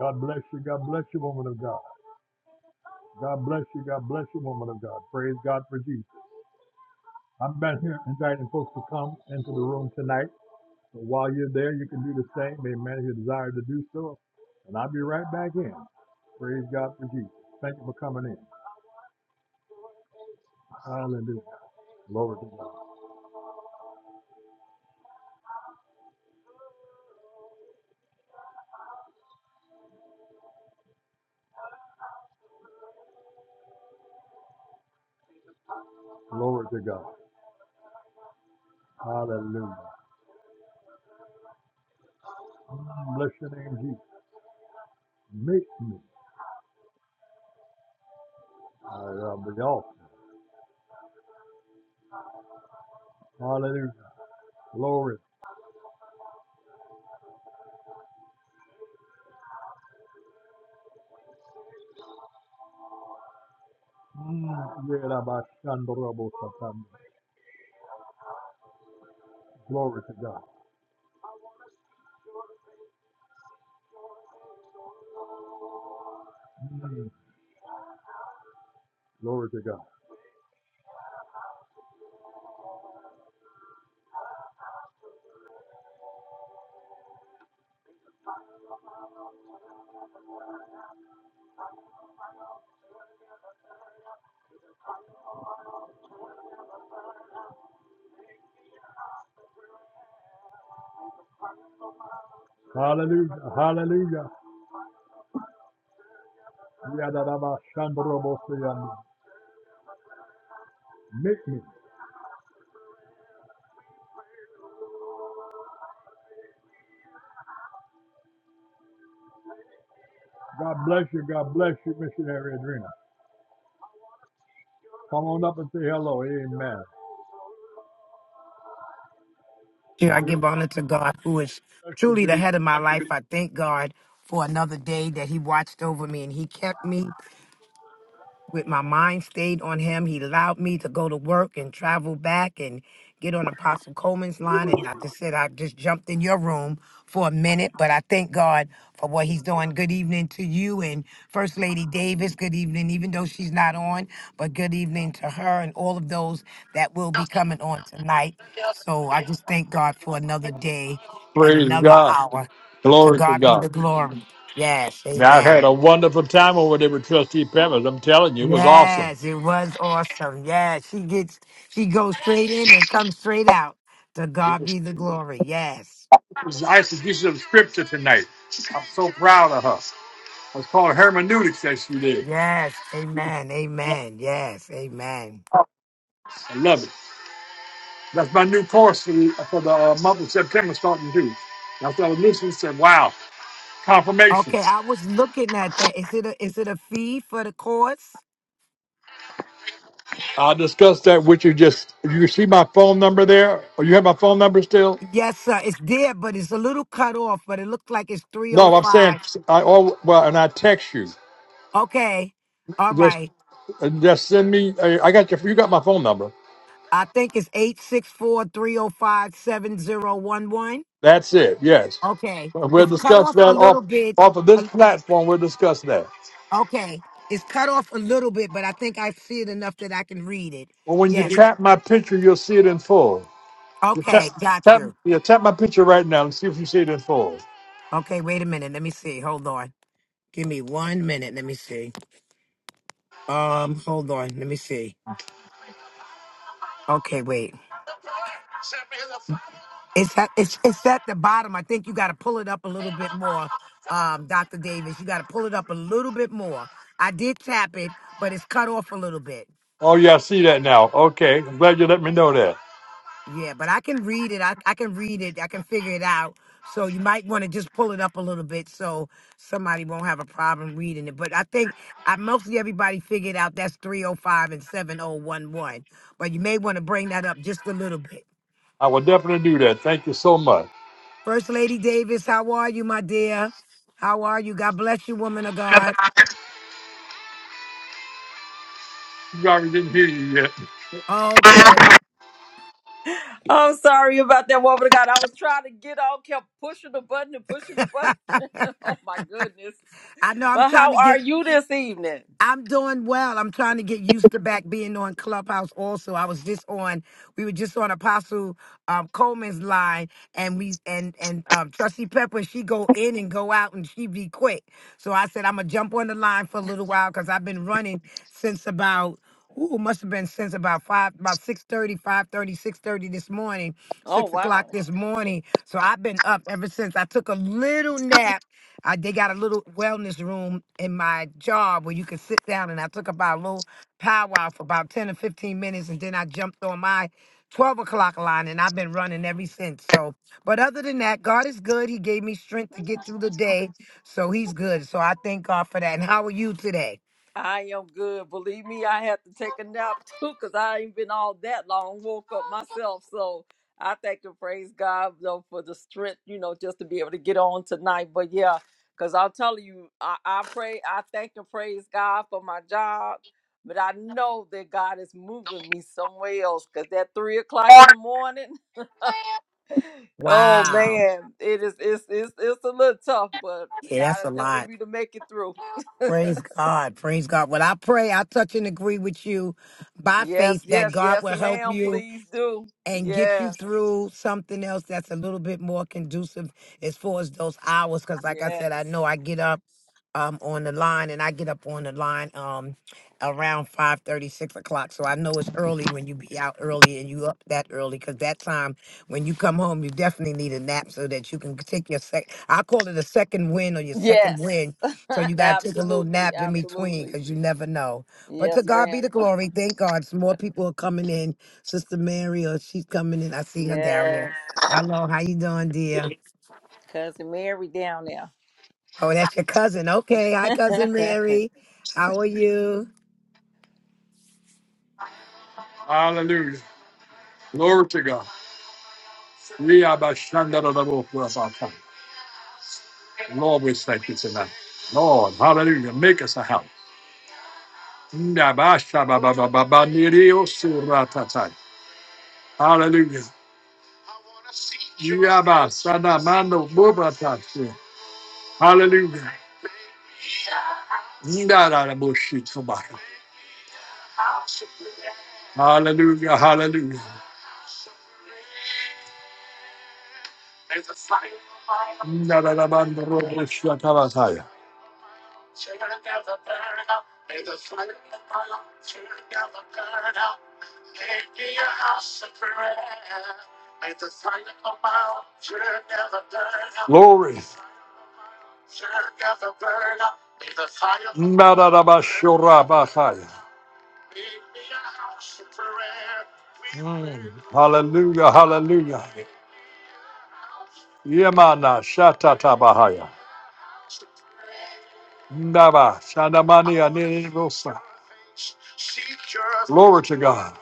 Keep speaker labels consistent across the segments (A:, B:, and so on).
A: God bless you. God bless you, woman of God. God bless you. God bless you, woman of God. Praise God for Jesus. I'm back here inviting folks to come into the room tonight. So while you're there, you can do the same. Amen. If you desire to do so. And I'll be right back in. Praise God for Jesus. Thank you for coming in. Hallelujah. Glory to God. Glory to God. Hallelujah. Mm, Bless your name, Jesus. Make me. I am the altar. Hallelujah. Glory. Mm, yeah, Glory to God. Mm, Glory to God. Hallelujah. Hallelujah. Yadadaba shandorobo seyando. Make me. God bless you. God bless you, missionary Adrena. Come on up and say hello. Amen.
B: Dear, I
A: Good
B: give honor to God, who is
A: bless you. Good
B: truly the
A: evening.
B: head of my life. I thank God for another day that He watched over me and He kept me with my mind stayed on him. He allowed me to go to work and travel back and get on Apostle Coleman's line. And I just said I just jumped in your room for a minute, but I thank God for what he's doing. Good evening to you and First Lady Davis. Good evening, even though she's not on, but good evening to her and all of those that will be coming on tonight. So I just thank God for another day and
A: Praise
B: another
A: God.
B: hour. To
A: Glory to
B: God be
A: God.
B: the glory. Yes,
A: Now, I
B: amen.
A: had a wonderful time over there with Trustee Peppers. I'm telling you, it was awesome.
B: Yes, it was awesome. Yes, she gets she goes straight in and comes straight out. To God be the glory. Yes.
A: It was execution of scripture tonight. I'm so proud of her. It's called hermeneutics that she did.
B: Yes. Amen. Amen. Yes. Amen.
A: I love it. That's my new course for the, for the uh, month of September starting due. That's what Lucian said. Wow,
B: Okay,
A: confirmations.
B: I was looking at that. Is it a is it a fee for the course?
A: I'll discuss that with you. Just you see my phone number there, or you have my phone number still?
B: Yes, sir. It's there, but it's a little cut off, but it looks like it's
A: No, I'm saying
B: 305.
A: I all well, and I text you.
B: Okay. All
A: Just
B: right.
A: just send me. I I got your. You got my phone number.
B: I think it's eight six four three oh five seven zero one one.
A: That's it. Yes,
B: Okay.
A: we'll
B: It's cut
A: discuss
B: off a
A: that
B: little
A: off
B: bit.
A: off of this platform. We'll discuss that.
B: Okay. It's cut off a little bit, but I think I see it enough that I can read it.
A: Well, when you
B: Yes. Yes.
A: tap my picture, you'll see it in full. You tap
B: Okay. Got
A: tap.
B: you.
A: Yeah, tap my picture right now and see if you see it in full.
B: Okay. Wait a minute. Let me see. Hold on. Give me one minute. Let me see. Um. Hold on. Let me see. Okay. Wait. It's at it's it's at the bottom. I think you got to pull it up a little bit more. Um, Dr. Davis, you got to pull it up a little bit more. I did tap it, but it's cut off a little bit.
A: Oh, yeah, I see that now. Okay. I'm glad you let me know that.
B: Yeah, but I can read it. I, I can read it. I can figure it out. So you might want to just pull it up a little bit so somebody won't have a problem reading it. But I think I, mostly everybody figured out that's 305 and 7011. But you may want to bring that up just a little bit.
A: I will definitely do that. Thank you so much.
B: First Lady Davis, how are you, my dear? How are you? God bless you, woman of God.
A: Sorry, didn't hear you yet.
B: Okay.
C: I'm sorry about that woman of God. I was trying to get on, kept pushing the button and pushing the button. Oh my goodness.
B: I know I'm
C: But
B: trying
C: how
B: to
C: are
B: get
C: you this evening?
B: I'm doing well. I'm trying to get used to back being on Clubhouse also. I was just on we were just on Apostle um, Coleman's line and we and and um Trustee Pepper, she go in and go out and she be quick. So I said I'm gonna jump on the line for a little while because I've been running since about Ooh, must have been since about five, about six thirty, five thirty, six thirty this morning,
C: Oh
B: six
C: wow.
B: o'clock this morning. So I've been up ever since. I took a little nap I, they got a little wellness room in my job where you can sit down, and I took about a little powwow for about ten or fifteen minutes, and then I jumped on my twelve o'clock line, and I've been running ever since. So, but other than that, God is good. He gave me strength to get through the day, so He's good. So I thank God for that. And how are you today?
C: I am good. Believe me, I had to take a nap too because I ain't been all that long. Woke up myself. So I thank and praise God though for the strength, you know, just to be able to get on tonight. But yeah, because I'll tell you, I, I pray, I thank and praise God for my job. But I know that God is moving me somewhere else because that three o'clock in the morning, oh
B: Wow,
C: man, it is it's it's it's a little tough, but
B: yeah,
C: God
B: that's
C: is
B: a
C: helping
B: lot.
C: me to make it through.
B: Praise God, praise God. When I pray, I touch and agree with you by
C: Yes,
B: faith that
C: yes,
B: God
C: yes,
B: will help
C: ma'am.
B: you
C: Please do.
B: and get you
C: Yes,
B: through something else that's a little bit more conducive as far as those hours. Because, like I said,
C: yes,
B: I know I get up um on the line and I get up on the line um around five thirty six o'clock. So I know it's early when you be out early and you up that early because that time when you come home, you definitely need a nap so that you can take your sec. I call it a second win or your second
C: yes.
B: win. So you got to take a little
C: absolutely,
B: nap in between
C: absolutely.
B: because you never know. But to
C: Yes,
B: God
C: ma'am.
B: be the
C: Uh,
B: glory. Thank God, some more people are coming in Sister Mary, or she's coming in. I see her down there.
C: Yes,
B: Hello, how you doing, dear?
C: cousin Mary down there.
B: Oh, that's your cousin. Okay, hi, cousin Mary. How are you?
A: Hallelujah. Glory to God. We are by Shanda da da bo for us our time. Lord, we thank you tonight. Lord, hallelujah. Make us a house. Nda ba sha ba ba ba ba ba ni ri o su ra ta ta. Hallelujah. Ya ba sa da ma no bo ba ta shi. Hallelujah. Nda da da bo shi to ba. Hallelujah. Hallelujah. Narabandoroboshatabasaya. Glory. Narabashorabasaya. Mm. Hallelujah, hallelujah. Yemana shatatabahaya. Naba shandamani anirirosa. Glory to God.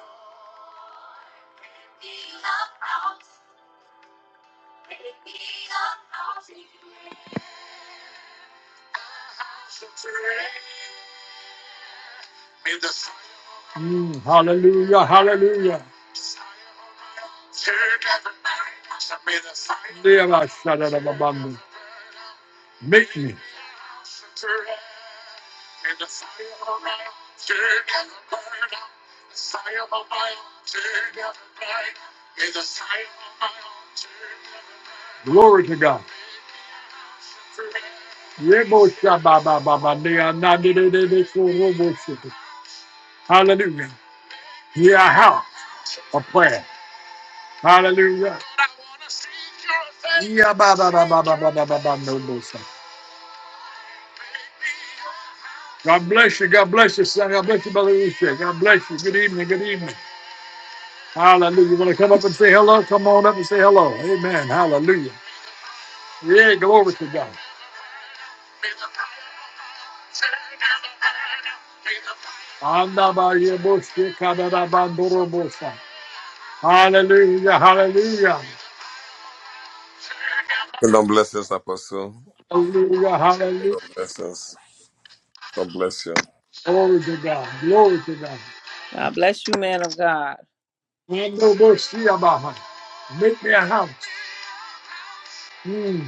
A: Hallelujah. You want to come up and say hello? Come on up and say hello. Amen. Hallelujah. Yeah, glory to God. Andabayeboshke Hallelujah. Hallelujah.
D: Kingdom blessings, Apostle.
A: Hallelujah. Hallelujah.
D: Kingdom blessings. God bless you.
A: Glory to God. Glory to God.
C: God bless you, man of God.
A: Andoboshiabaha. Make me a house. Mm.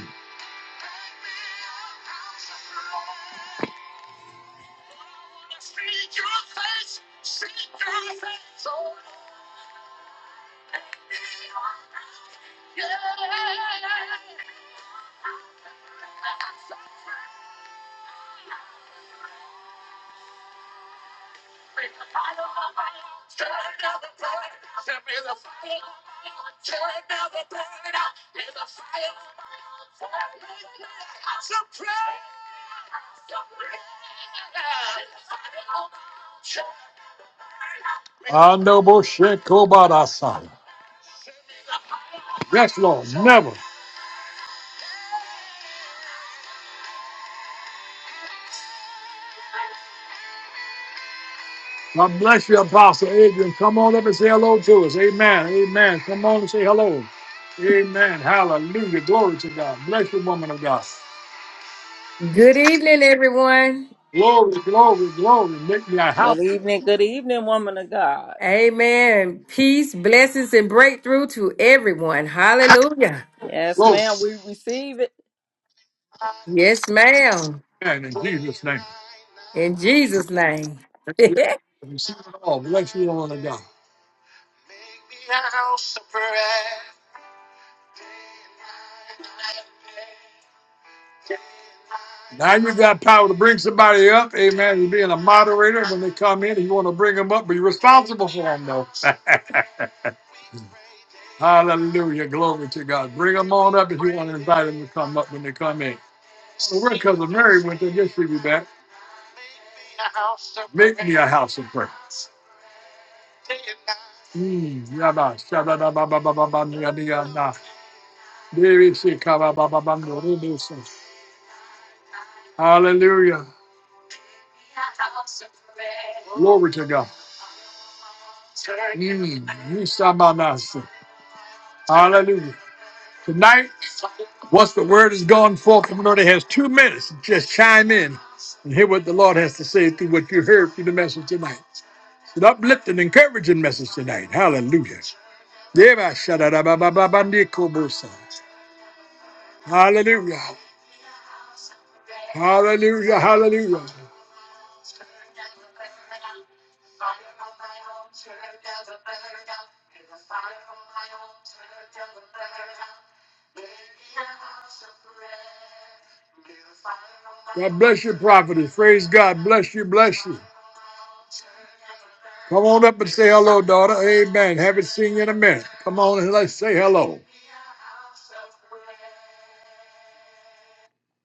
A: Andoboshekobarasa. Yes, Lord. Never. God bless you, Apostle Adrian. Come on up and say hello to us. Amen. Amen. Come on and say hello. Amen. Hallelujah. Glory to God. Bless you, woman of God.
E: Good evening, everyone.
A: Glory, glory, glory. Make me a
C: Good
A: house.
C: evening, good evening, woman of God.
E: Amen. Peace, blessings, and breakthrough to everyone. Hallelujah.
C: Yes,
A: Glory.
C: ma'am. We receive it.
E: Yes, ma'am.
A: Amen. In Jesus' name.
E: In Jesus' name.
A: Bless you. Receive it all. Bless you, woman of God. Now you got power to bring somebody up. Amen. You're being a moderator when they come in. You want to bring them up, but you're responsible for them, though. Hallelujah. Glory to God. Bring them on up if you want to invite them to come up when they come in. Well, we're cousin Mary went there just to be back. Make me a house of prayer. Mm, yada, shada, da, ba, ba, ba, ba, ba, nia, nia, na. Diri, si, ka, ba, ba, ba, ba, no, ri, do, so. Hallelujah. Glory to God. Mm, ni, sa, ma, na, si. Hallelujah. Tonight, once the word is gone forth, everybody has two minutes. Just chime in and hear what the Lord has to say through what you heard through the message tonight. It's an uplifting, encouraging message tonight. Hallelujah. Deba shadadabababandiko bosa. Hallelujah. Hallelujah. Hallelujah. God bless you, prophetess. Praise God. Bless you. Bless you. Come on up and say hello, daughter. Amen. Haven't seen you in a minute. Come on and let's say hello.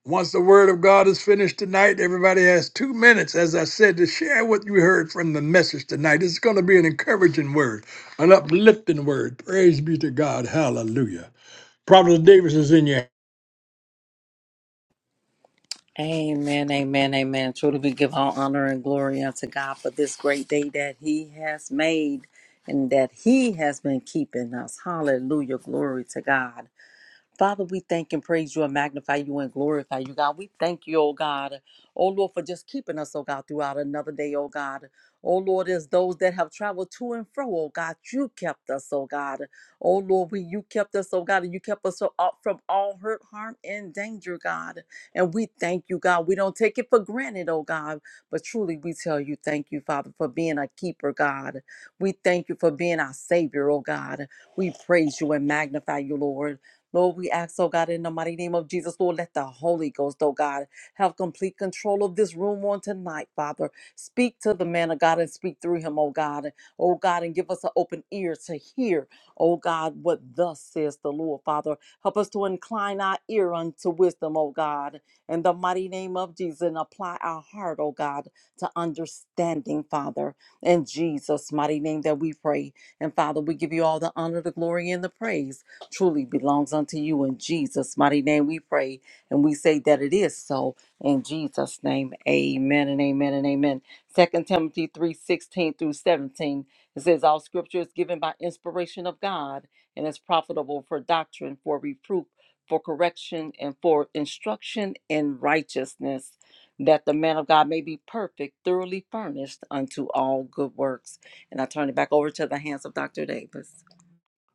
A: Once the word of God is finished tonight, everybody has two minutes, as I said, to share what you heard from the message tonight. It's going to be an encouraging word, an uplifting word. Praise be to God. Hallelujah. Prophet Davis is in your
C: Amen, amen, amen. Truly, we give all honor and glory unto God for this great day that He has made and that He has been keeping us. Hallelujah. Glory to God. Father, we thank and praise you and magnify you and glorify you, God. We thank you, oh God, oh Lord, for just keeping us, oh God, throughout another day, oh God. Oh Lord, as those that have traveled to and fro, oh God, you kept us, oh God. Oh Lord, we you kept us, oh God, and you kept us so- up from all hurt, harm, and danger, God. And we thank you, God. We don't take it for granted, oh God, but truly we tell you, thank you, Father, for being a keeper, God. We thank you for being our Savior, oh God. We praise you and magnify you, Lord. Lord, we ask, oh God, in the mighty name of Jesus, Lord, let the Holy Ghost, oh God, have complete control of this room on tonight, Father. Speak to the man of God and speak through him, oh God. Oh God, and give us an open ear to hear, oh God, what thus says the Lord, Father. Help us to incline our ear unto wisdom, oh God, in the mighty name of Jesus, and apply our heart, oh God, to understanding, Father. In Jesus' mighty name that we pray. And Father, we give you all the honor, the glory, and the praise truly belongs unto you in Jesus' mighty name. We pray and we say that it is so in Jesus' name. Amen and amen and amen. Second Timothy three sixteen through 17. It says, All scripture is given by inspiration of God and is profitable for doctrine, for reproof, for correction, and for instruction in righteousness, that the man of God may be perfect, thoroughly furnished unto all good works. And I turn it back over to the hands of Dr. Davis.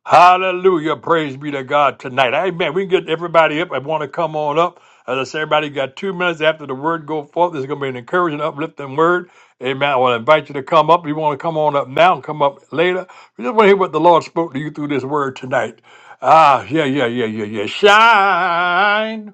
A: Hallelujah. Praise be to God tonight. Amen. We can get everybody up. I want to come on up. As I say, everybody got two minutes after the word go forth. This is going to be an encouraging, uplifting word. Amen. I want to invite you to come up. If you want to come on up now and come up later, we just want to hear what the Lord spoke to you through this word tonight. Ah, yeah, yeah, yeah, yeah, yeah. Shine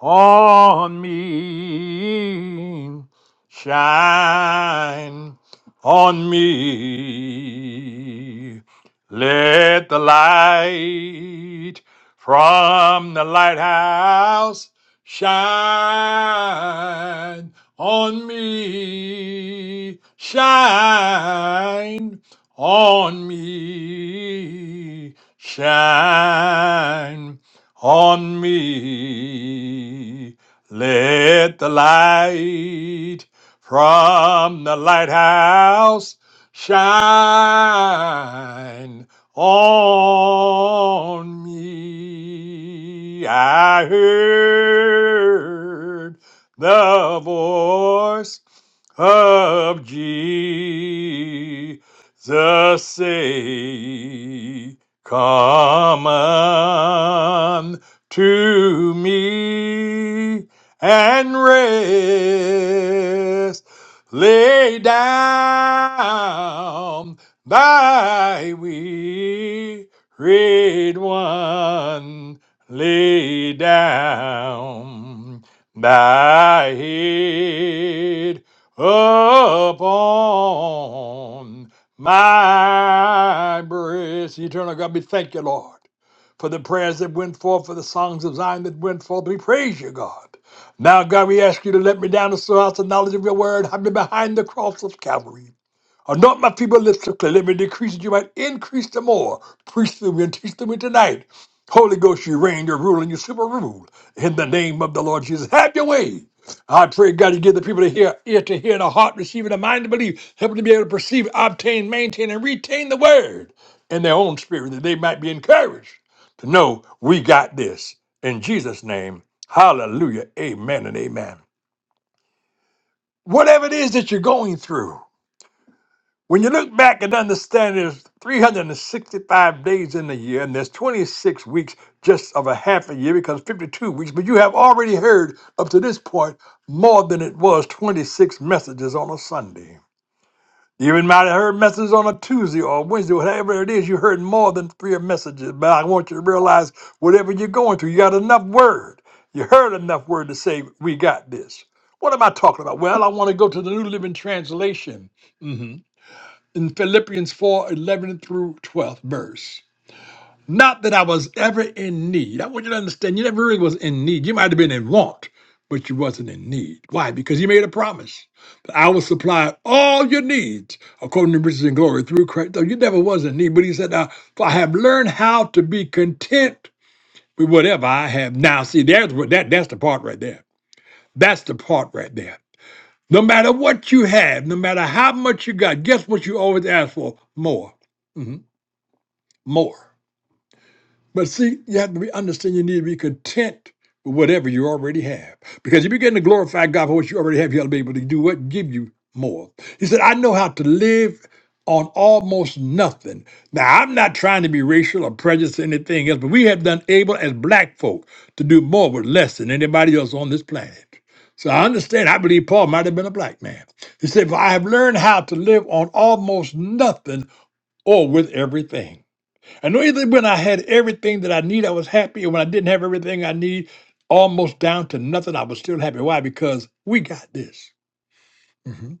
A: on me, shine on me. Let the light from the lighthouse shine on me, shine on me, shine on me. Let the light from the lighthouse shine on me. I heard the voice of Jesus say, Come unto me and rest. Lay down thy wearied one. Lay down thy head upon my praise, eternal God, we thank you, Lord, for the prayers that went forth, for the songs of Zion that went forth. We praise you, God. Now, God, we ask you to let me down the house of knowledge of your word. Hide me behind the cross of Calvary. Are not my people lifted up? Let me decrease that you might increase them more. Preach through me and teach through me tonight. Holy Ghost, you reign, you rule, and you super rule. In the name of the Lord Jesus, have your way. I pray, God, you give the people to hear, ear to hear, and a heart receiving, a mind to believe, help them to be able to perceive, obtain, maintain, and retain the word in their own spirit, that they might be encouraged to know we got this. In Jesus' name, hallelujah, amen, and amen. Whatever it is that you're going through, when you look back and understand there's 365 days in the year, and there's 26 weeks just of a half a year because 52 weeks, but you have already heard up to this point more than it was 26 messages on a Sunday. You even might have heard messages on a Tuesday or a Wednesday, whatever it is, you heard more than three messages. But I want you to realize whatever you're going through, you got enough word. You heard enough word to say, We got this. What am I talking about? Well, I want to go to the New Living Translation. Mm-hmm in Philippians 4:11 through 12th verse. Not that I was ever in need. I want you to understand you never really was in need. You might have been in want, but you wasn't in need. Why? Because he made a promise that I will supply all your needs according to riches and glory through Christ. So you never was in need, but he said, now, for I have learned how to be content with whatever I have now. See, there's what that that's the part right there. That's the part right there. No matter what you have, no matter how much you got, guess what you always ask for? More. Mm-hmm more. But see, you have to be understand you need to be content with whatever you already have. Because if you're getting to glorify God for what you already have, you ought to be able to do what? Give you more. He said, I know how to live on almost nothing. Now, I'm not trying to be racial or prejudiced or anything else, but we have done able as black folk to do more with less than anybody else on this planet. So I understand. I believe Paul might have been a black man. He said, For I have learned how to live on almost nothing or with everything. I know even when I had everything that I need, I was happy. And when I didn't have everything I need, almost down to nothing, I was still happy. Why? Because we got this. Mhm.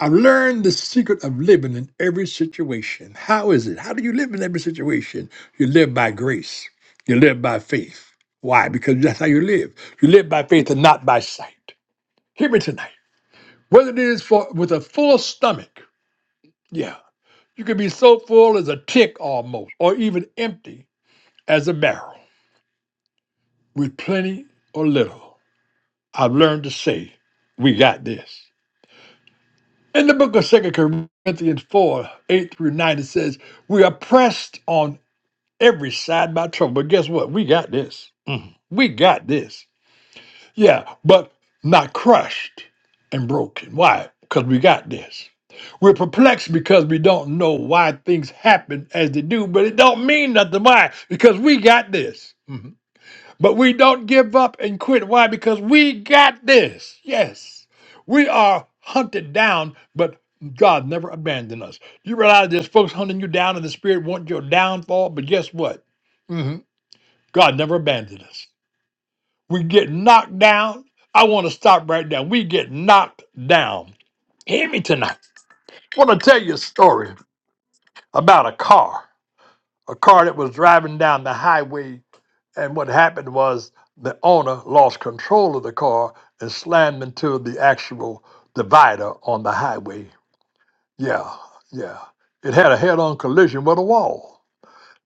A: I've learned the secret of living in every situation. How is it? How do you live in every situation? You live by grace. You live by faith. Why? Because that's how you live. You live by faith and not by sight. Hear me tonight. Whether it is for with a full stomach, yeah, you can be so full as a tick almost, or even empty as a barrel. with plenty or little. I've learned to say, we got this. In the book of Second Corinthians 4, 8 through 9, it says, We are pressed on every side by trouble. But guess what? We got this. We got this. Yeah, but not crushed and broken. Why? Because we got this. We're perplexed because we don't know why things happen as they do, but it don't mean nothing. Why? Because we got this. Mm-hmm. But we don't give up and quit. Why? Because we got this. Yes. We are hunted down, but God never abandoned us. You realize there's folks hunting you down in the spirit, want your downfall, but guess what? Mhm. God never abandoned us. We get knocked down. I want to stop right now. We get knocked down. Hear me tonight. I want to tell you a story about a car. a car that was driving down the highway, and what happened was the owner lost control of the car and slammed into the actual divider on the highway. Yeah, yeah. It had a head-on collision with a wall.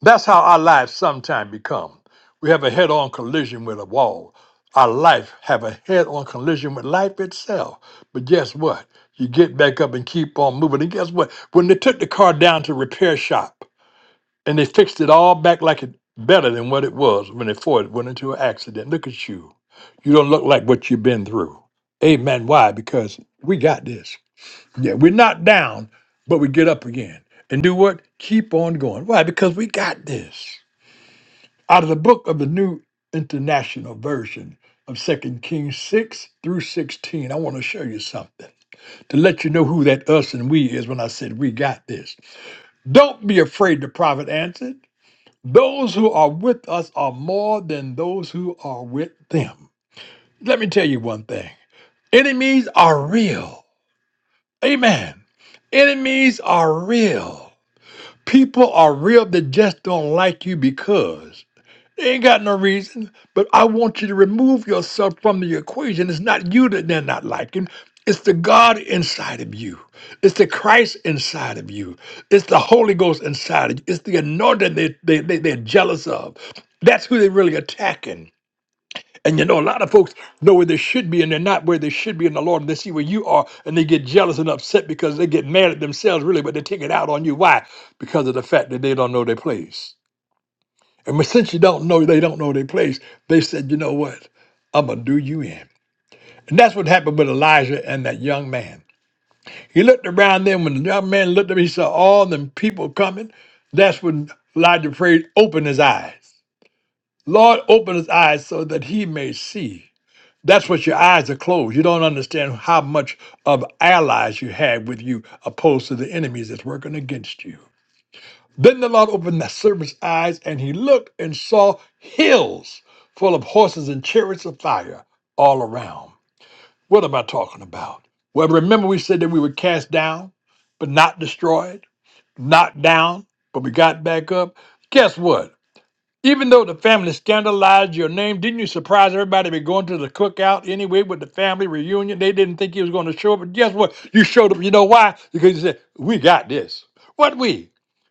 A: That's how our lives sometimes become. We have a head-on collision with a wall. Our life have a head-on collision with life itself. But guess what? You get back up and keep on moving. And guess what? When they took the car down to repair shop, and they fixed it all back like it better than what it was when it Ford went into an accident. Look at you. You don't look like what you've been through. Amen. Why? Because we got this. Yeah, we're not down, but we get up again and do what? Keep on going. Why? Because we got this. Out of the book of the New International Version of Second Kings 6 through 16, I want to show you something to let you know who that us and we is when I said we got this. Don't be afraid, the prophet answered. Those who are with us are more than those who are with them. Let me tell you one thing enemies are real. Amen. Enemies are real. People are real that just don't like you because. They ain't got no reason. But I want you to remove yourself from the equation. It's not you that they're not liking. It's the God inside of you. It's the Christ inside of you. It's the Holy Ghost inside of you. It's the anointing they, they, they, they're jealous of. That's who they're really attacking. And you know, a lot of folks know where they should be and they're not where they should be in the Lord. And they see where you are and they get jealous and upset because they get mad at themselves, really, but they take it out on you. Why? Because of the fact that they don't know their place. And since you don't know, they don't know their place, they said, you know what? I'm going to do you in. And that's what happened with Elijah and that young man. He looked around then. When the young man looked up, he saw all them people coming. That's when Elijah prayed, open his eyes. Lord, open his eyes so that he may see. That's what your eyes are closed. You don't understand how much of allies you have with you opposed to the enemies that's working against you. Then the Lord opened the serpent's eyes, and he looked and saw hills full of horses and chariots of fire all around. What am I talking about? Well, remember we said that we were cast down, but not destroyed, knocked down, but we got back up. Guess what? Even though the family scandalized your name, didn't you surprise everybody by going to the cookout anyway with the family reunion? They didn't think you was going to show up, but guess what? You showed up. You know why? Because you said, "We got this." What we?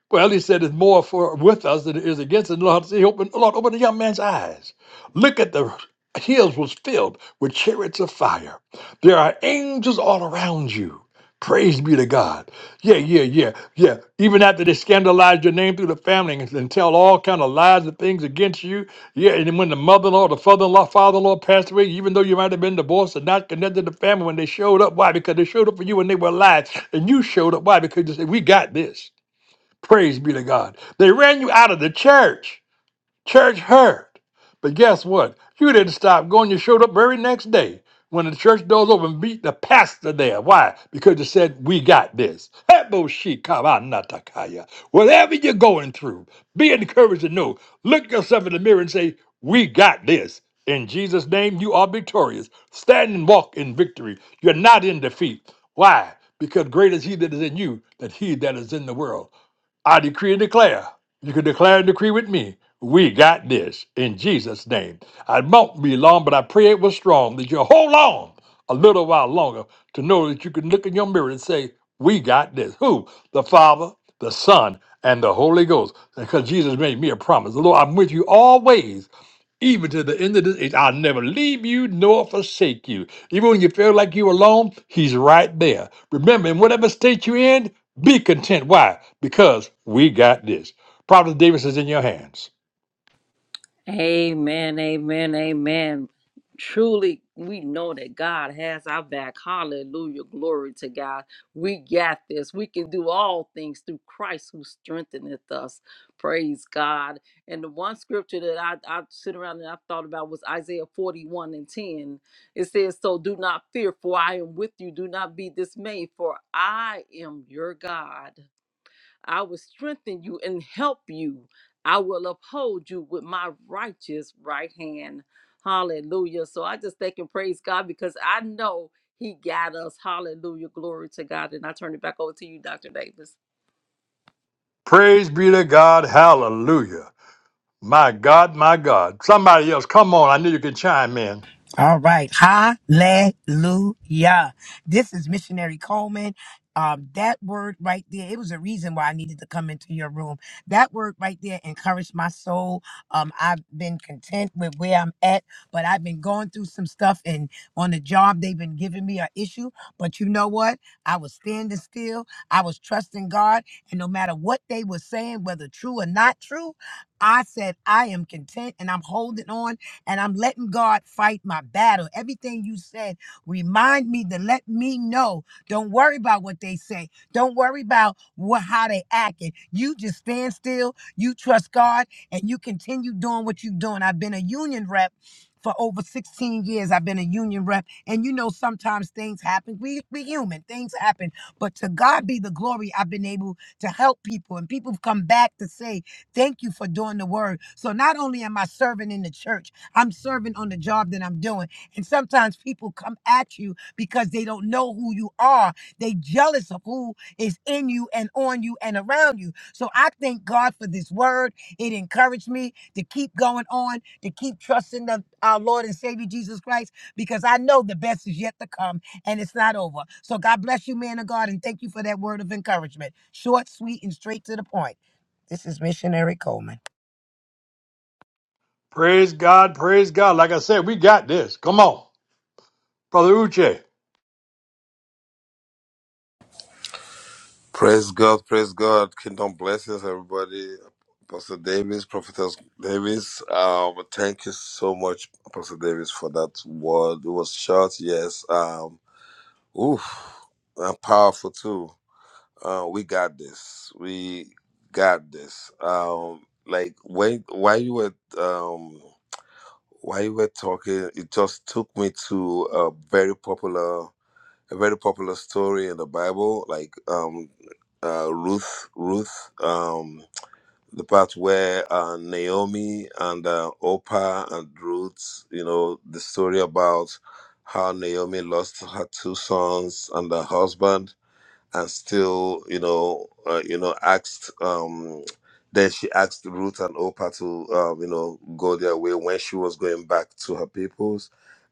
A: Well, he said it's more for with us than it is against us. Lord, see, open, Lord, open the young man's eyes. Look at the hills was filled with chariots of fire. There are angels all around you. Praise be to God. Yeah, yeah, yeah, yeah. Even after they scandalize your name through the family and, and tell all kind of lies and things against you. Yeah, and then when the mother-in-law, the father-in-law, father-in-law passed away, even though you might have been divorced and not connected to the family, when they showed up, why? Because they showed up for you when they were alive, and you showed up, why? Because you said, "We got this." Praise be to God. They ran you out of the church. Church hurt. But guess what? You didn't stop going. You showed up very next day when the church doors open, beat the pastor there. Why? Because you said, We got this. Hebo shi kaba natakaya. Whatever you're going through, be encouraged to know. Look yourself in the mirror and say, We got this. In Jesus' name, you are victorious. Stand and walk in victory. You're not in defeat. Why? Because great is He that is in you than He that is in the world. I decree and declare. You can declare and decree with me. We got this in Jesus' name. I won't be long, but I pray it was strong that you'll hold on a little while longer to know that you can look in your mirror and say, We got this. Who? The Father, the Son, and the Holy Ghost. Because Jesus made me a promise. Lord, I'm with you always. Even to the end of this age, I'll never leave you nor forsake you. Even when you feel like you're alone, He's right there. Remember, in whatever state you're in, be content. Why? Because we got this. Prophet Davis is in your hands.
C: Amen, amen, amen. Truly, we know that God has our back. Hallelujah. Glory to God. We got this. We can do all things through Christ who strengtheneth us. Praise God. And the one scripture that I, I sit around and I thought about was Isaiah 41 and 10. It says, So do not fear, for I am with you. Do not be dismayed, for I am your God. I will strengthen you and help you. I will uphold you with my righteous right hand. Hallelujah. So I just thank and praise God because I know He got us. Hallelujah. Glory to God. And I turn it back over to you, Dr. Davis.
A: Praise be to God. Hallelujah. My God, my God. Somebody else, come on. I knew you could chime in.
B: All right. Hallelujah. This is Missionary Coleman. Um, that word right there, it was a reason why I needed to come into your room. That word right there encouraged my soul. Um, I've been content with where I'm at, but I've been going through some stuff and on the job they've been giving me an issue. But you know what? I was standing still, I was trusting God, and no matter what they were saying, whether true or not true, I said, I am content and I'm holding on and I'm letting God fight my battle. Everything you said, remind me to let me know. Don't worry about what they say. Don't worry about what how they acting. You just stand still. You trust God, and you continue doing what you're doing. I've been a union rep. For over 16 years, I've been a union rep, and you know sometimes things happen. We we human, things happen. But to God be the glory. I've been able to help people, and people have come back to say, Thank you for doing the word. So not only am I serving in the church, I'm serving on the job that I'm doing. And sometimes people come at you because they don't know who you are. They jealous of who is in you and on you and around you. So I thank God for this word. It encouraged me to keep going on, to keep trusting the, our Lord and Savior Jesus Christ, because I know the best is yet to come and it's not over. So God bless you, man of God, and thank you for that word of encouragement. Short, sweet, and straight to the point. This is Missionary Coleman.
A: Praise God, praise God. Like I said, we got this. Come on. Brother Uche.
D: Praise God, praise God. Kingdom blessings, everybody. Apostle Davis, Prophetess Davis. Um, thank you so much, Apostle Davis, for that word. It was short, yes. Um, oof, and powerful too. Uh, we got this. We got this. Um, like when while you were um while you were talking, it just took me to a very popular a very popular story in the Bible, like um, uh, Ruth, Ruth, um, the part where uh, Naomi and uh, Oprah and Ruth, you know, the story about how Naomi lost her two sons and her husband and still, you know, uh, you know, asked. Um, then she asked Ruth and Opa to, um, you know, go their way when she was going back to her peoples,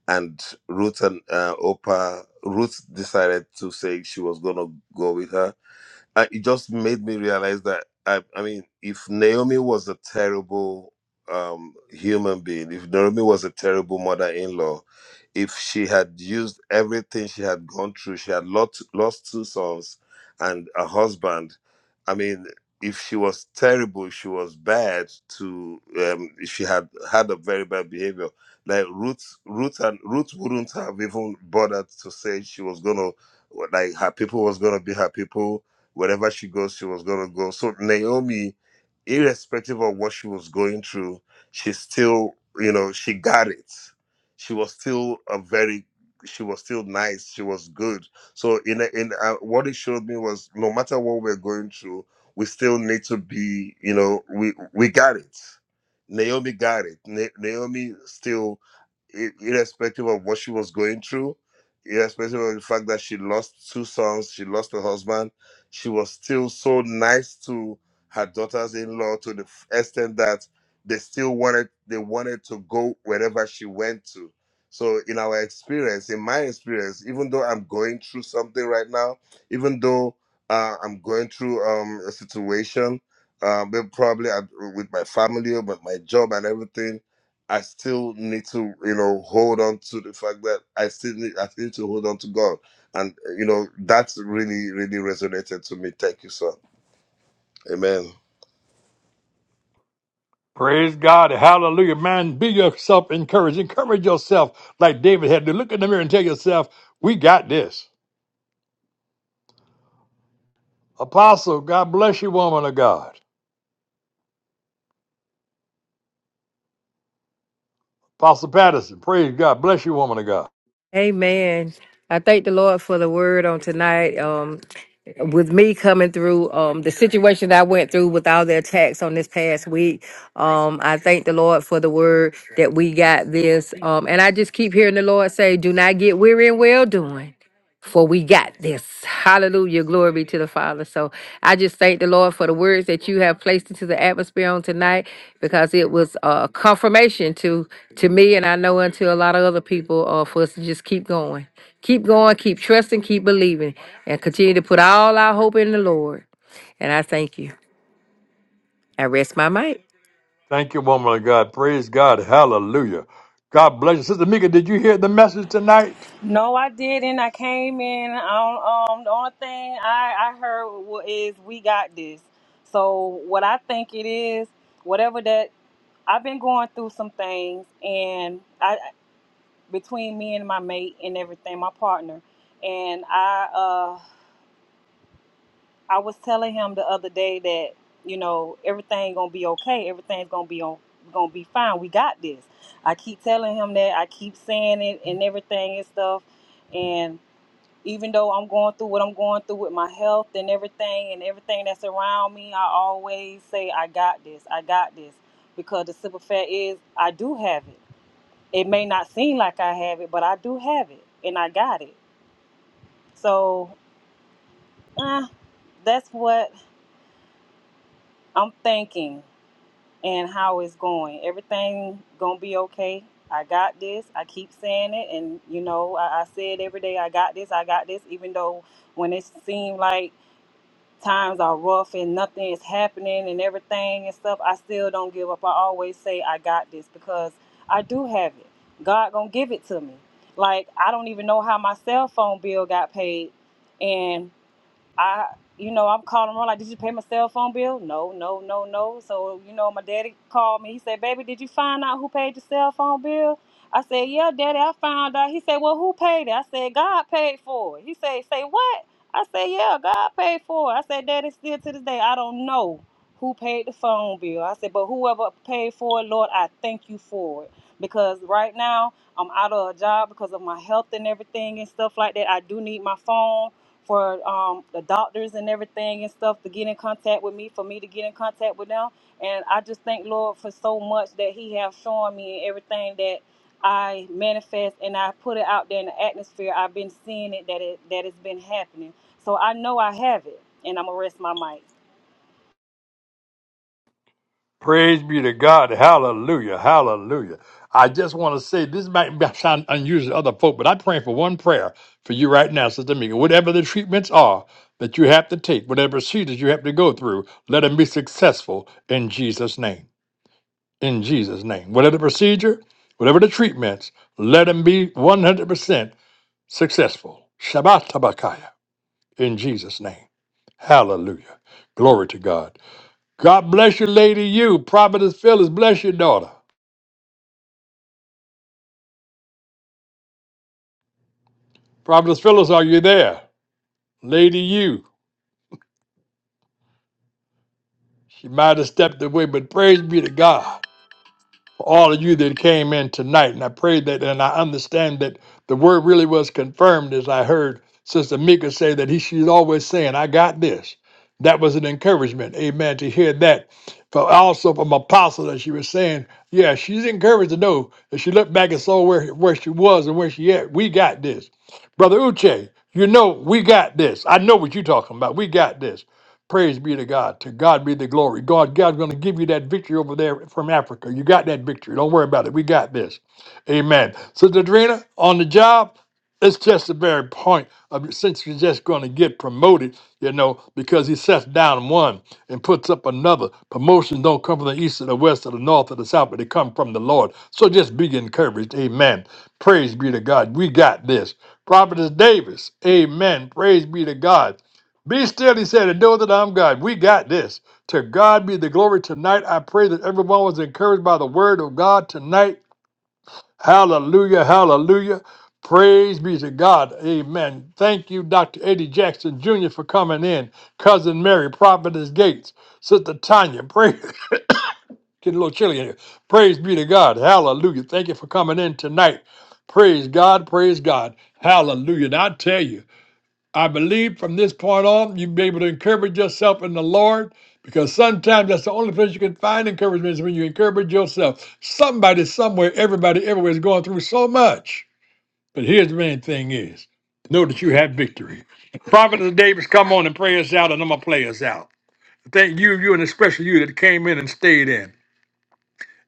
D: and Ruth and uh, Opa, Ruth decided to say she was gonna go with her, I, it just made me realize that I, I mean, if Naomi was a terrible um, human being, if Naomi was a terrible mother-in-law, if she had used everything she had gone through, she had lost lost two sons and a husband. I mean, if she was terrible, she was bad. To um, she had had a very bad behavior. Like Ruth, Ruth and Ruth wouldn't have even bothered to say she was gonna like her people was gonna be her people wherever she goes, she was going to go. So Naomi, irrespective of what she was going through, she still, you know, she got it. She was still a very, she was still nice. She was good. So in a, in a, what it showed me was no matter what we're going through, we still need to be, you know, we we got it. Naomi got it. Na- Naomi still, i- irrespective of what she was going through, irrespective of the fact that she lost two sons, she lost a husband she was still so nice to her daughters-in-law to the f- extent that they still wanted they wanted to go wherever she went to. So in our experience, in my experience, even though I'm going through something right now, even though uh, I'm going through um, a situation, uh, but probably at, with my family or with my job and everything, I still need to you know hold on to the fact that I still need I still need to hold on to God and uh, you know that's really really resonated to me. Thank you, sir. Amen.
A: Praise God. Hallelujah. Man, be yourself encouraged. Encourage yourself like David had to. Look in the mirror and tell yourself, we got this. Apostle, God bless you, woman of God. Apostle Patterson, praise God. Bless you, woman of God.
E: Amen. I thank the Lord for the word on tonight. Um, with me coming through um, the situation that I went through with all the attacks on this past week, um, I thank the Lord for the word that we got this. Um, and I just keep hearing the Lord say, Do not get weary in well doing. for we got this. Hallelujah. Glory be to the Father. So I just thank the Lord for the words that you have placed into the atmosphere on tonight because it was a confirmation to to me and I know unto a lot of other people uh, for us to just keep going. Keep going, keep trusting, keep believing, and continue to put all our hope in the Lord. And I thank you. I rest my mic.
A: Thank you, woman of God. Praise God. Hallelujah. God bless you. Sister Mika, did you hear the message tonight?
F: No, I didn't. I came in on um the only thing I I heard wa- is we got this. So what I think it is, whatever that I've been going through some things and I between me and my mate and everything, my partner, and I uh I was telling him the other day that, you know, everything going to be okay. Everything's going to be on going to be fine. We got this. I keep telling him that. I keep saying it and everything and stuff. and. even though I'm going through what I'm going through with my health and everything and everything that's around me, I always say, I got this, I got this. Because the simple fact is, I do have it. It may not seem like I have it, but I do have it and I got it. So uh, that's what I'm thinking and how it's going. Everything gonna be okay. I got this. I keep saying it, and you know, I, I said every day, I got this, I got this, even though when it seemed like times are rough and nothing is happening and everything and stuff, I still don't give up. I always say I got this because I do have it. God gonna give it to me. Like I don't even know how my cell phone bill got paid, and I, you know, I'm calling around like, did you pay my cell phone bill? No, no, no, no. So, you know, my daddy called me. He said, baby, did you find out who paid your cell phone bill? I said, yeah, daddy, I found out. He said, well, who paid it? I said, God paid for it. He said, say what? I said, yeah, God paid for it. I said, daddy, still to this day, I don't know who paid the phone bill. I said, but whoever paid for it, Lord, I thank you for it. Because right now, I'm out of a job because of my health and everything and stuff like that. I do need my phone for um, the doctors and everything and stuff to get in contact with me for me to get in contact with them and i just thank lord for so much that he have shown me and everything that i manifest and i put it out there in the atmosphere i've been seeing it that it that it's been happening so i know i have it and i'm gonna rest my mic
A: Praise be to God. Hallelujah. Hallelujah. I just want to say this might be- sound unusual to other folk, but I'm praying for one prayer for you right now, Sister Mika. Whatever the treatments are that you have to take, whatever procedures you have to go through, let them be successful in Jesus' name. In Jesus' name. Whatever the procedure, whatever the treatments, let them be 100% successful. Shabbat Tabakaya. in Jesus' name. Hallelujah. Glory to God. God bless you, Lady You. Providence Phyllis, bless your daughter. Providence Phyllis, are you there? Lady You. She might have stepped away, but praise be to God. for all of you that came in tonight. And I pray that, and I understand that the word really was confirmed as I heard Sister Mika say that he, she's always saying, I got this. That was an encouragement, amen, to hear that. But also from Apostle that she was saying, yeah, she's encouraged to know that she looked back and saw where, where she was and where she at. We got this. Brother Uche, you know, we got this. I know what you're talking about. We got this. Praise be to God. To God be the glory. God, God's going to give you that victory over there from Africa. You got that victory. Don't worry about it. We got this. Amen. Sister Adrena, on the job, it's just the very point of since you're just going to get promoted, you know, because he sets down one and puts up another. Promotions don't come from the east or the west or the north or the south, but they come from the Lord. So just be encouraged. Amen. Praise be to God. We got this. Prophetess Davis. Amen. Praise be to God. Be still, he said, and know that I'm God. We got this. To God be the glory tonight. I pray that everyone was encouraged by the word of God tonight. Hallelujah, hallelujah. Praise be to God. Amen. Thank you, Dr. Eddie Jackson Jr., for coming in. Cousin Mary, Prophetess Gates, Sister Tanya. Praise. Getting a little chilly in here. Praise be to God. Hallelujah. Thank you for coming in tonight. Praise God. Praise God. Hallelujah. And I tell you, I believe from this point on, you'll be able to encourage yourself in the Lord because sometimes that's the only place you can find encouragement is when you encourage yourself. Somebody, somewhere, everybody, everywhere is going through so much. But here's the main thing is know that you have victory. Prophet of Davis, come on and pray us out, and I'm going to play us out. Thank you, you, and especially you that came in and stayed in.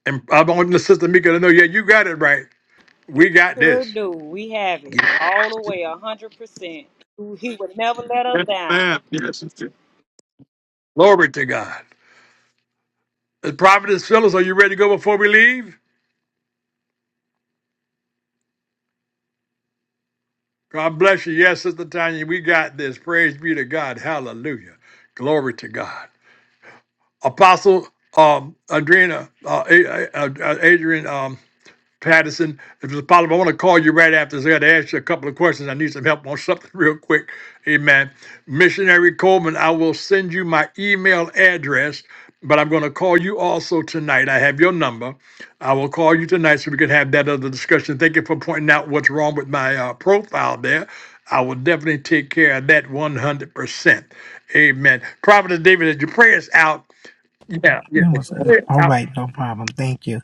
A: And I want the sister Mika to know, yeah, you got it right.
F: we
A: We got
F: sure
A: this.
F: do we have it all the way a hundred percent he would never let us
A: Yes,
F: down
A: ma'am. Yes. Glory to God. Uh, Prophetess Phyllis, are you ready to go before we leave? God bless you. Yes, Sister Tanya, we got this. Praise be to God. Hallelujah. Glory to God. Apostle um, Adrena, uh, A- A- Adrian, um, Patterson. If it's possible, I want to call you right after this. I got to ask you a couple of questions. I need some help on something real quick. Amen. Missionary Coleman, I will send you my email address, but I'm going to call you also tonight. I have your number. I will call you tonight so we can have that other discussion. Thank you for pointing out what's wrong with my uh, profile there. I will definitely take care of that 100%. Amen. Prophet David, as your prayers out, yeah,
B: you what's that? All
A: yeah.
B: right, no problem. Thank you.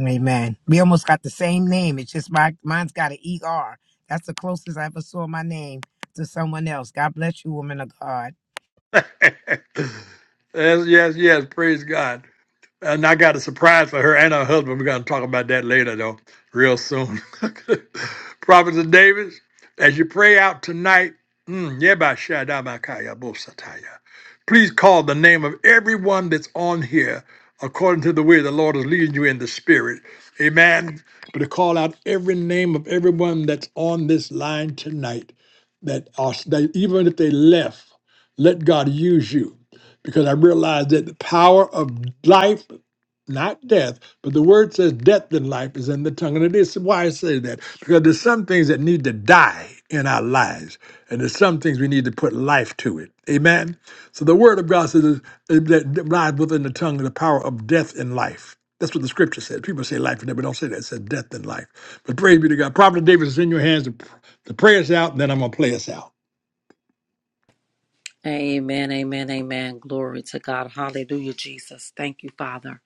B: Amen. We almost got the same name. It's just my mine's got an ER. That's the closest I ever saw my name to someone else. God bless you, woman of God.
A: yes, yes, yes. Praise God. And I got a surprise for her and her husband. We're going to talk about that later, though, real soon. Prophet Davis, as you pray out tonight, mm, yebashadabakaya bosataya, please call the name of everyone that's on here according to the way the Lord is leading you in the spirit. Amen. But to call out every name of everyone that's on this line tonight, that, are, that even if they left, let God use you because I realized that the power of life, not death, but the word says death and life is in the tongue. And it is why I say that, because there's some things that need to die in our lives, and there's some things we need to put life to it. Amen? So the word of God says that lies within the tongue and the power of death and life. That's what the scripture says. People say life and death, but don't say that. It says death and life. But praise be to God. Prophet David is in your hands. The the prayer's out, and then I'm going to play us out.
C: Amen, amen, amen. Glory to God. Hallelujah, Jesus. Thank you, Father.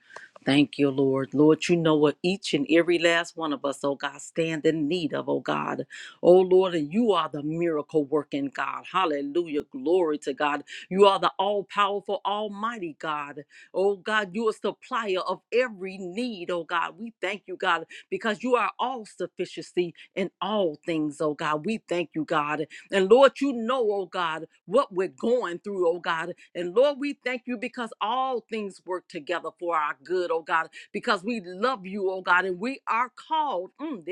C: Thank you, Lord. Lord, you know what each and every last one of us, oh God, stand in need of, oh God. Oh Lord, and you are the miracle working God. Hallelujah. Glory to God. You are the all powerful, almighty God. Oh God, you are supplier of every need, oh God. We thank you, God, because you are all sufficiency in all things, oh God. We thank you, God. And Lord, you know, oh God, what we're going through, oh God. And Lord, we thank you because all things work together for our good, oh God, because we love you, oh God, and we are called. Mm,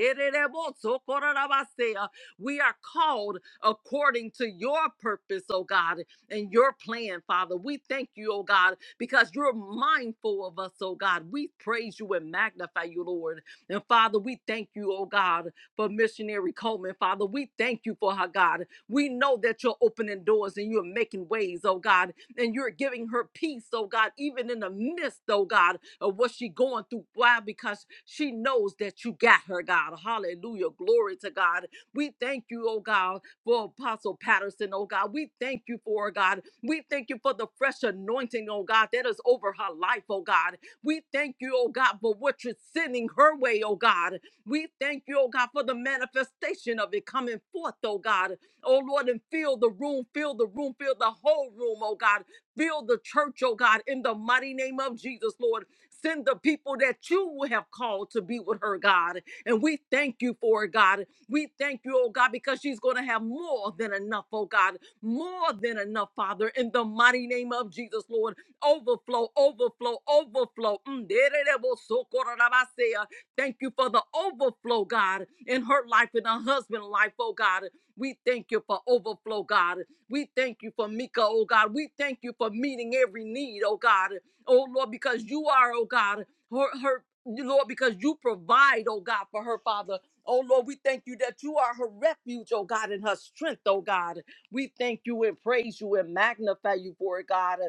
C: we are called according to your purpose, oh God, and your plan, Father. We thank you, oh God, because you're mindful of us, oh God. We praise you and magnify you, Lord. And Father, we thank you, oh God, for missionary Coleman. Father, we thank you for her, God. We know that you're opening doors and you're making ways, oh God, and you're giving her peace, oh God, even in the midst, oh God, of what she's going through. Why? Because she knows that you got her, God. Hallelujah. Glory to God. We thank you, oh God, for Apostle Patterson, oh God. We thank you for, her, God. We thank you for the fresh anointing, oh God, that is over her life, oh God. We thank you, oh God, for what you're sending her way, oh God. We thank you, oh God, for the manifestation of it coming forth, oh God oh Lord, and fill the room, fill the room, fill the whole room, oh God. Fill the church, oh God, in the mighty name of Jesus, Lord. Send the people that you have called to be with her, God. And we thank you for it, God. We thank you, oh God, because she's going to have more than enough, oh God. More than enough, Father, in the mighty name of Jesus, Lord. Overflow, overflow, overflow. Mm, dererebosokorabasea. Thank you for the overflow, God, in her life, in her husband's life, oh God. We thank you for overflow, God. We thank you for Mika, oh God. We thank you for meeting every need, oh God. Oh Lord, because you are, oh God, her, her Lord, because you provide, oh God, for her, Father. Oh Lord, we thank you that you are her refuge, oh God, and her strength, oh God. We thank you and praise you and magnify you for it, God.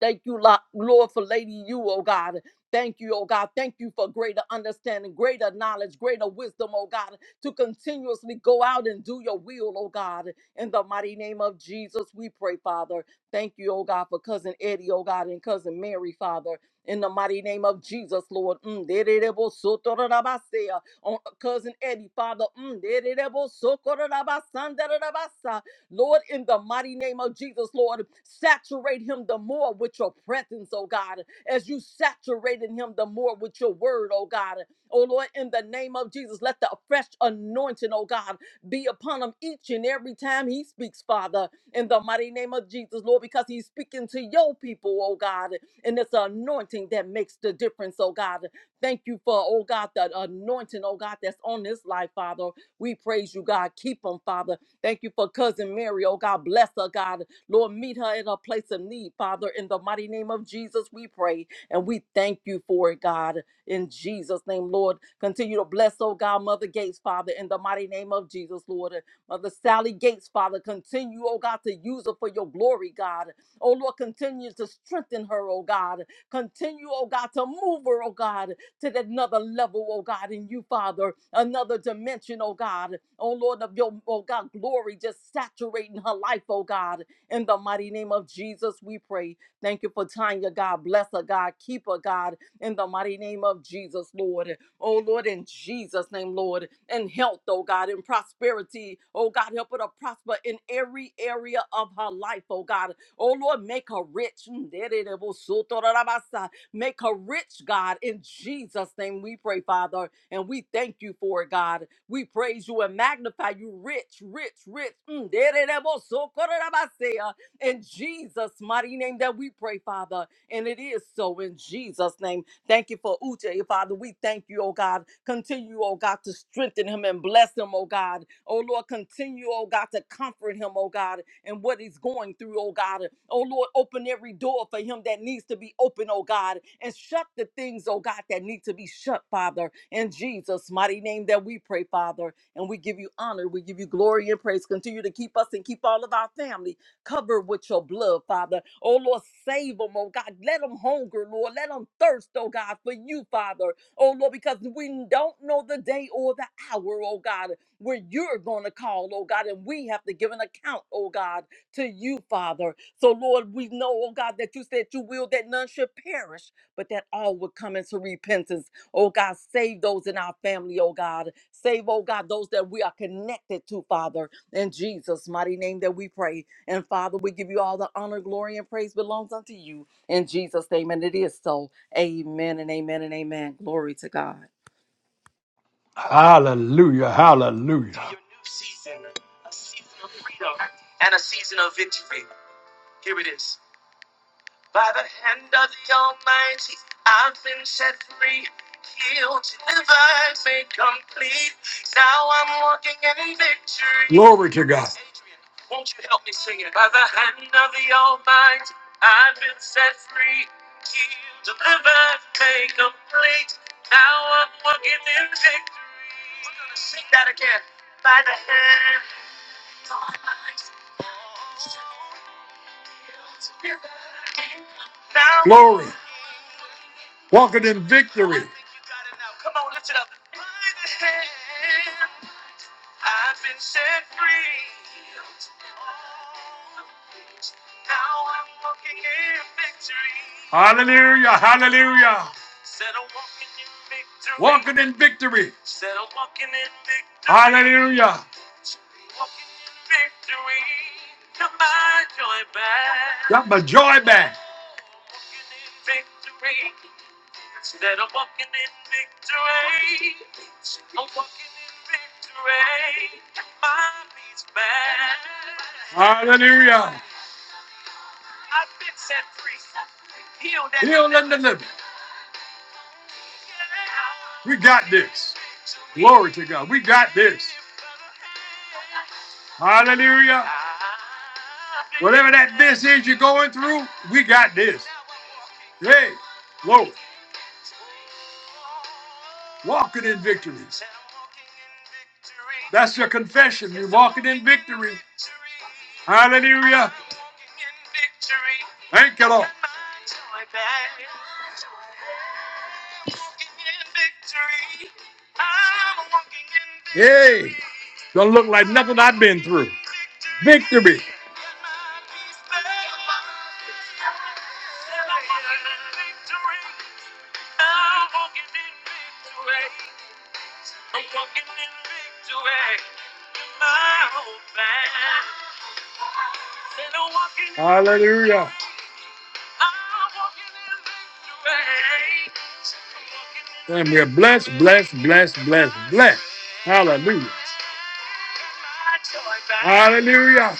C: Thank you, Lo- Lord, for Lady You, oh God. Thank you, oh God. Thank you for greater understanding, greater knowledge, greater wisdom, oh God, to continuously go out and do your will, oh God. In the mighty name of Jesus, we pray, Father. Thank you, oh God, for cousin Eddie, oh God, and cousin Mary, Father. In the mighty name of Jesus, Lord. Mm, dererebosotorabasea. On uh, cousin Eddie, Father. Mm, dererebosokorabasandarabasaa. Lord, in the mighty name of Jesus, Lord, saturate him the more with your presence, oh God, as you saturated him the more with your word, oh God. Oh Lord, in the name of Jesus, let the fresh anointing, oh God, be upon him each and every time he speaks, Father, in the mighty name of Jesus, Lord, because he's speaking to your people, oh God, and it's the anointing that makes the difference, oh God. Thank you for, oh God, the anointing, oh God, that's on this life, Father. We praise you, God. Keep him, Father. Thank you for cousin Mary. Oh God, bless her, God. Lord, meet her in a place of need, Father. In the mighty name of Jesus, we pray and we thank you for it, God. In Jesus' name, Lord, continue to bless, oh God, Mother Gates, Father. In the mighty name of Jesus, Lord. Mother Sally Gates, Father, continue, oh God, to use her for your glory, God. Oh Lord, continue to strengthen her, oh God. Continue, oh God, to move her, oh God to that another level, oh God, in you, Father, another dimension, oh God. Oh Lord, of your, oh God, glory just saturating her life, oh God. In the mighty name of Jesus, we pray. Thank you for Tanya, God. Bless her, God. Keep her, God. In the mighty name of Jesus, Lord. Oh Lord, in Jesus' name, Lord. And health, oh God, and prosperity. Oh God, help her to prosper in every area of her life, oh God. Oh Lord, make her rich. Make her rich, God. In Jesus' name we pray, Father. And we thank you for it, God. We praise you and magnify you rich, rich, rich. Mm, dererebosokorabasea. In Jesus' mighty name that we pray, Father. And it is so in Jesus' name. Thank you for Uche, Father. We thank you, oh God. Continue, oh God, to strengthen him and bless him, oh God. Oh Lord, continue, oh God, to comfort him, oh God, and what he's going through, oh God. Oh Lord, open every door for him that needs to be open, oh God, and shut the things, oh God, that need to be shut, Father. In Jesus' mighty name that we pray, Father, and we give you honor, we give you glory and praise. Continue to keep us and keep all of our family Cover with your blood, Father. Oh, Lord, save them, oh God. Let them hunger, Lord. Let them thirst, oh God, for you, Father. Oh, Lord, because we don't know the day or the hour, oh God, where you're going to call, oh God, and we have to give an account, oh God, to you, Father. So, Lord, we know, oh God, that you said you will that none should perish, but that all would come into repentance. Oh God, save those in our family, oh God. Save, oh God, those that we are connected to, Father. In Jesus' mighty name that we pray. And Father, we give you all the honor, glory, and praise belongs unto you. In Jesus' name, and it is so. Amen and amen and amen. Glory to God.
A: Hallelujah. Hallelujah. Glory to Walking in victory. Hallelujah, hallelujah. in victory. Got my joy back. Hallelujah. and delivered. We got this. Glory to God. We got this. Hallelujah. Whatever that this is you're going through, we got this. Hey, whoa, walking in victory. That's your confession. You're walking in victory. Hallelujah. Thank you, Lord. Hey, don't look like nothing I've been through. Victory. Hallelujah. And we're blessed, blessed, blessed, blessed, blessed. Hallelujah. Hallelujah.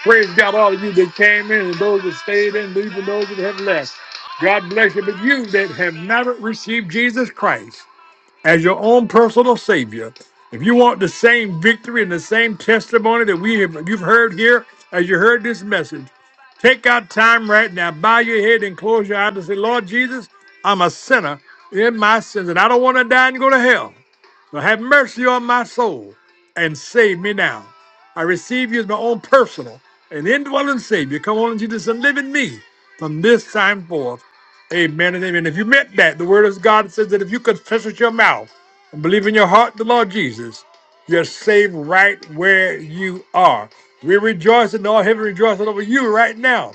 A: Praise God, all of you that came in and those that stayed in, even those that have left. God bless you. But you that have not received Jesus Christ, as your own personal savior, if you want the same victory and the same testimony that we have you've heard here as you heard this message, take out time right now, bow your head and close your eyes and say, Lord Jesus, I'm a sinner in my sins, and I don't want to die and go to hell. So have mercy on my soul and save me now. I receive you as my own personal and indwelling Savior. Come on, Jesus, and live in me from this time forth. Amen and amen. If you meant that, the word of God says that if you confess with your mouth and believe in your heart the Lord Jesus, you're saved right where you are. We rejoice in all heaven rejoicing over you right now.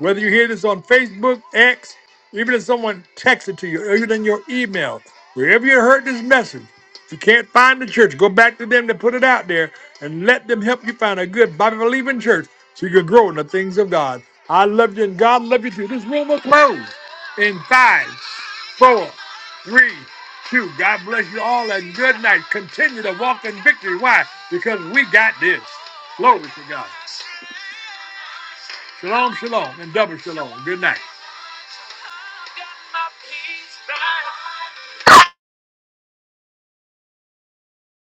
A: Whether you hear this on Facebook, X, even if someone texts it to you, or even in your email, wherever you heard this message, if you can't find the church, go back to them to put it out there and let them help you find a good Bible believing church so you can grow in the things of God. I love you and God love you too. This room will close in five, four, three, two. God bless you all and good night. Continue to walk in victory. Why? Because we got this. Glory to God. Shalom, shalom, and double shalom. Good night.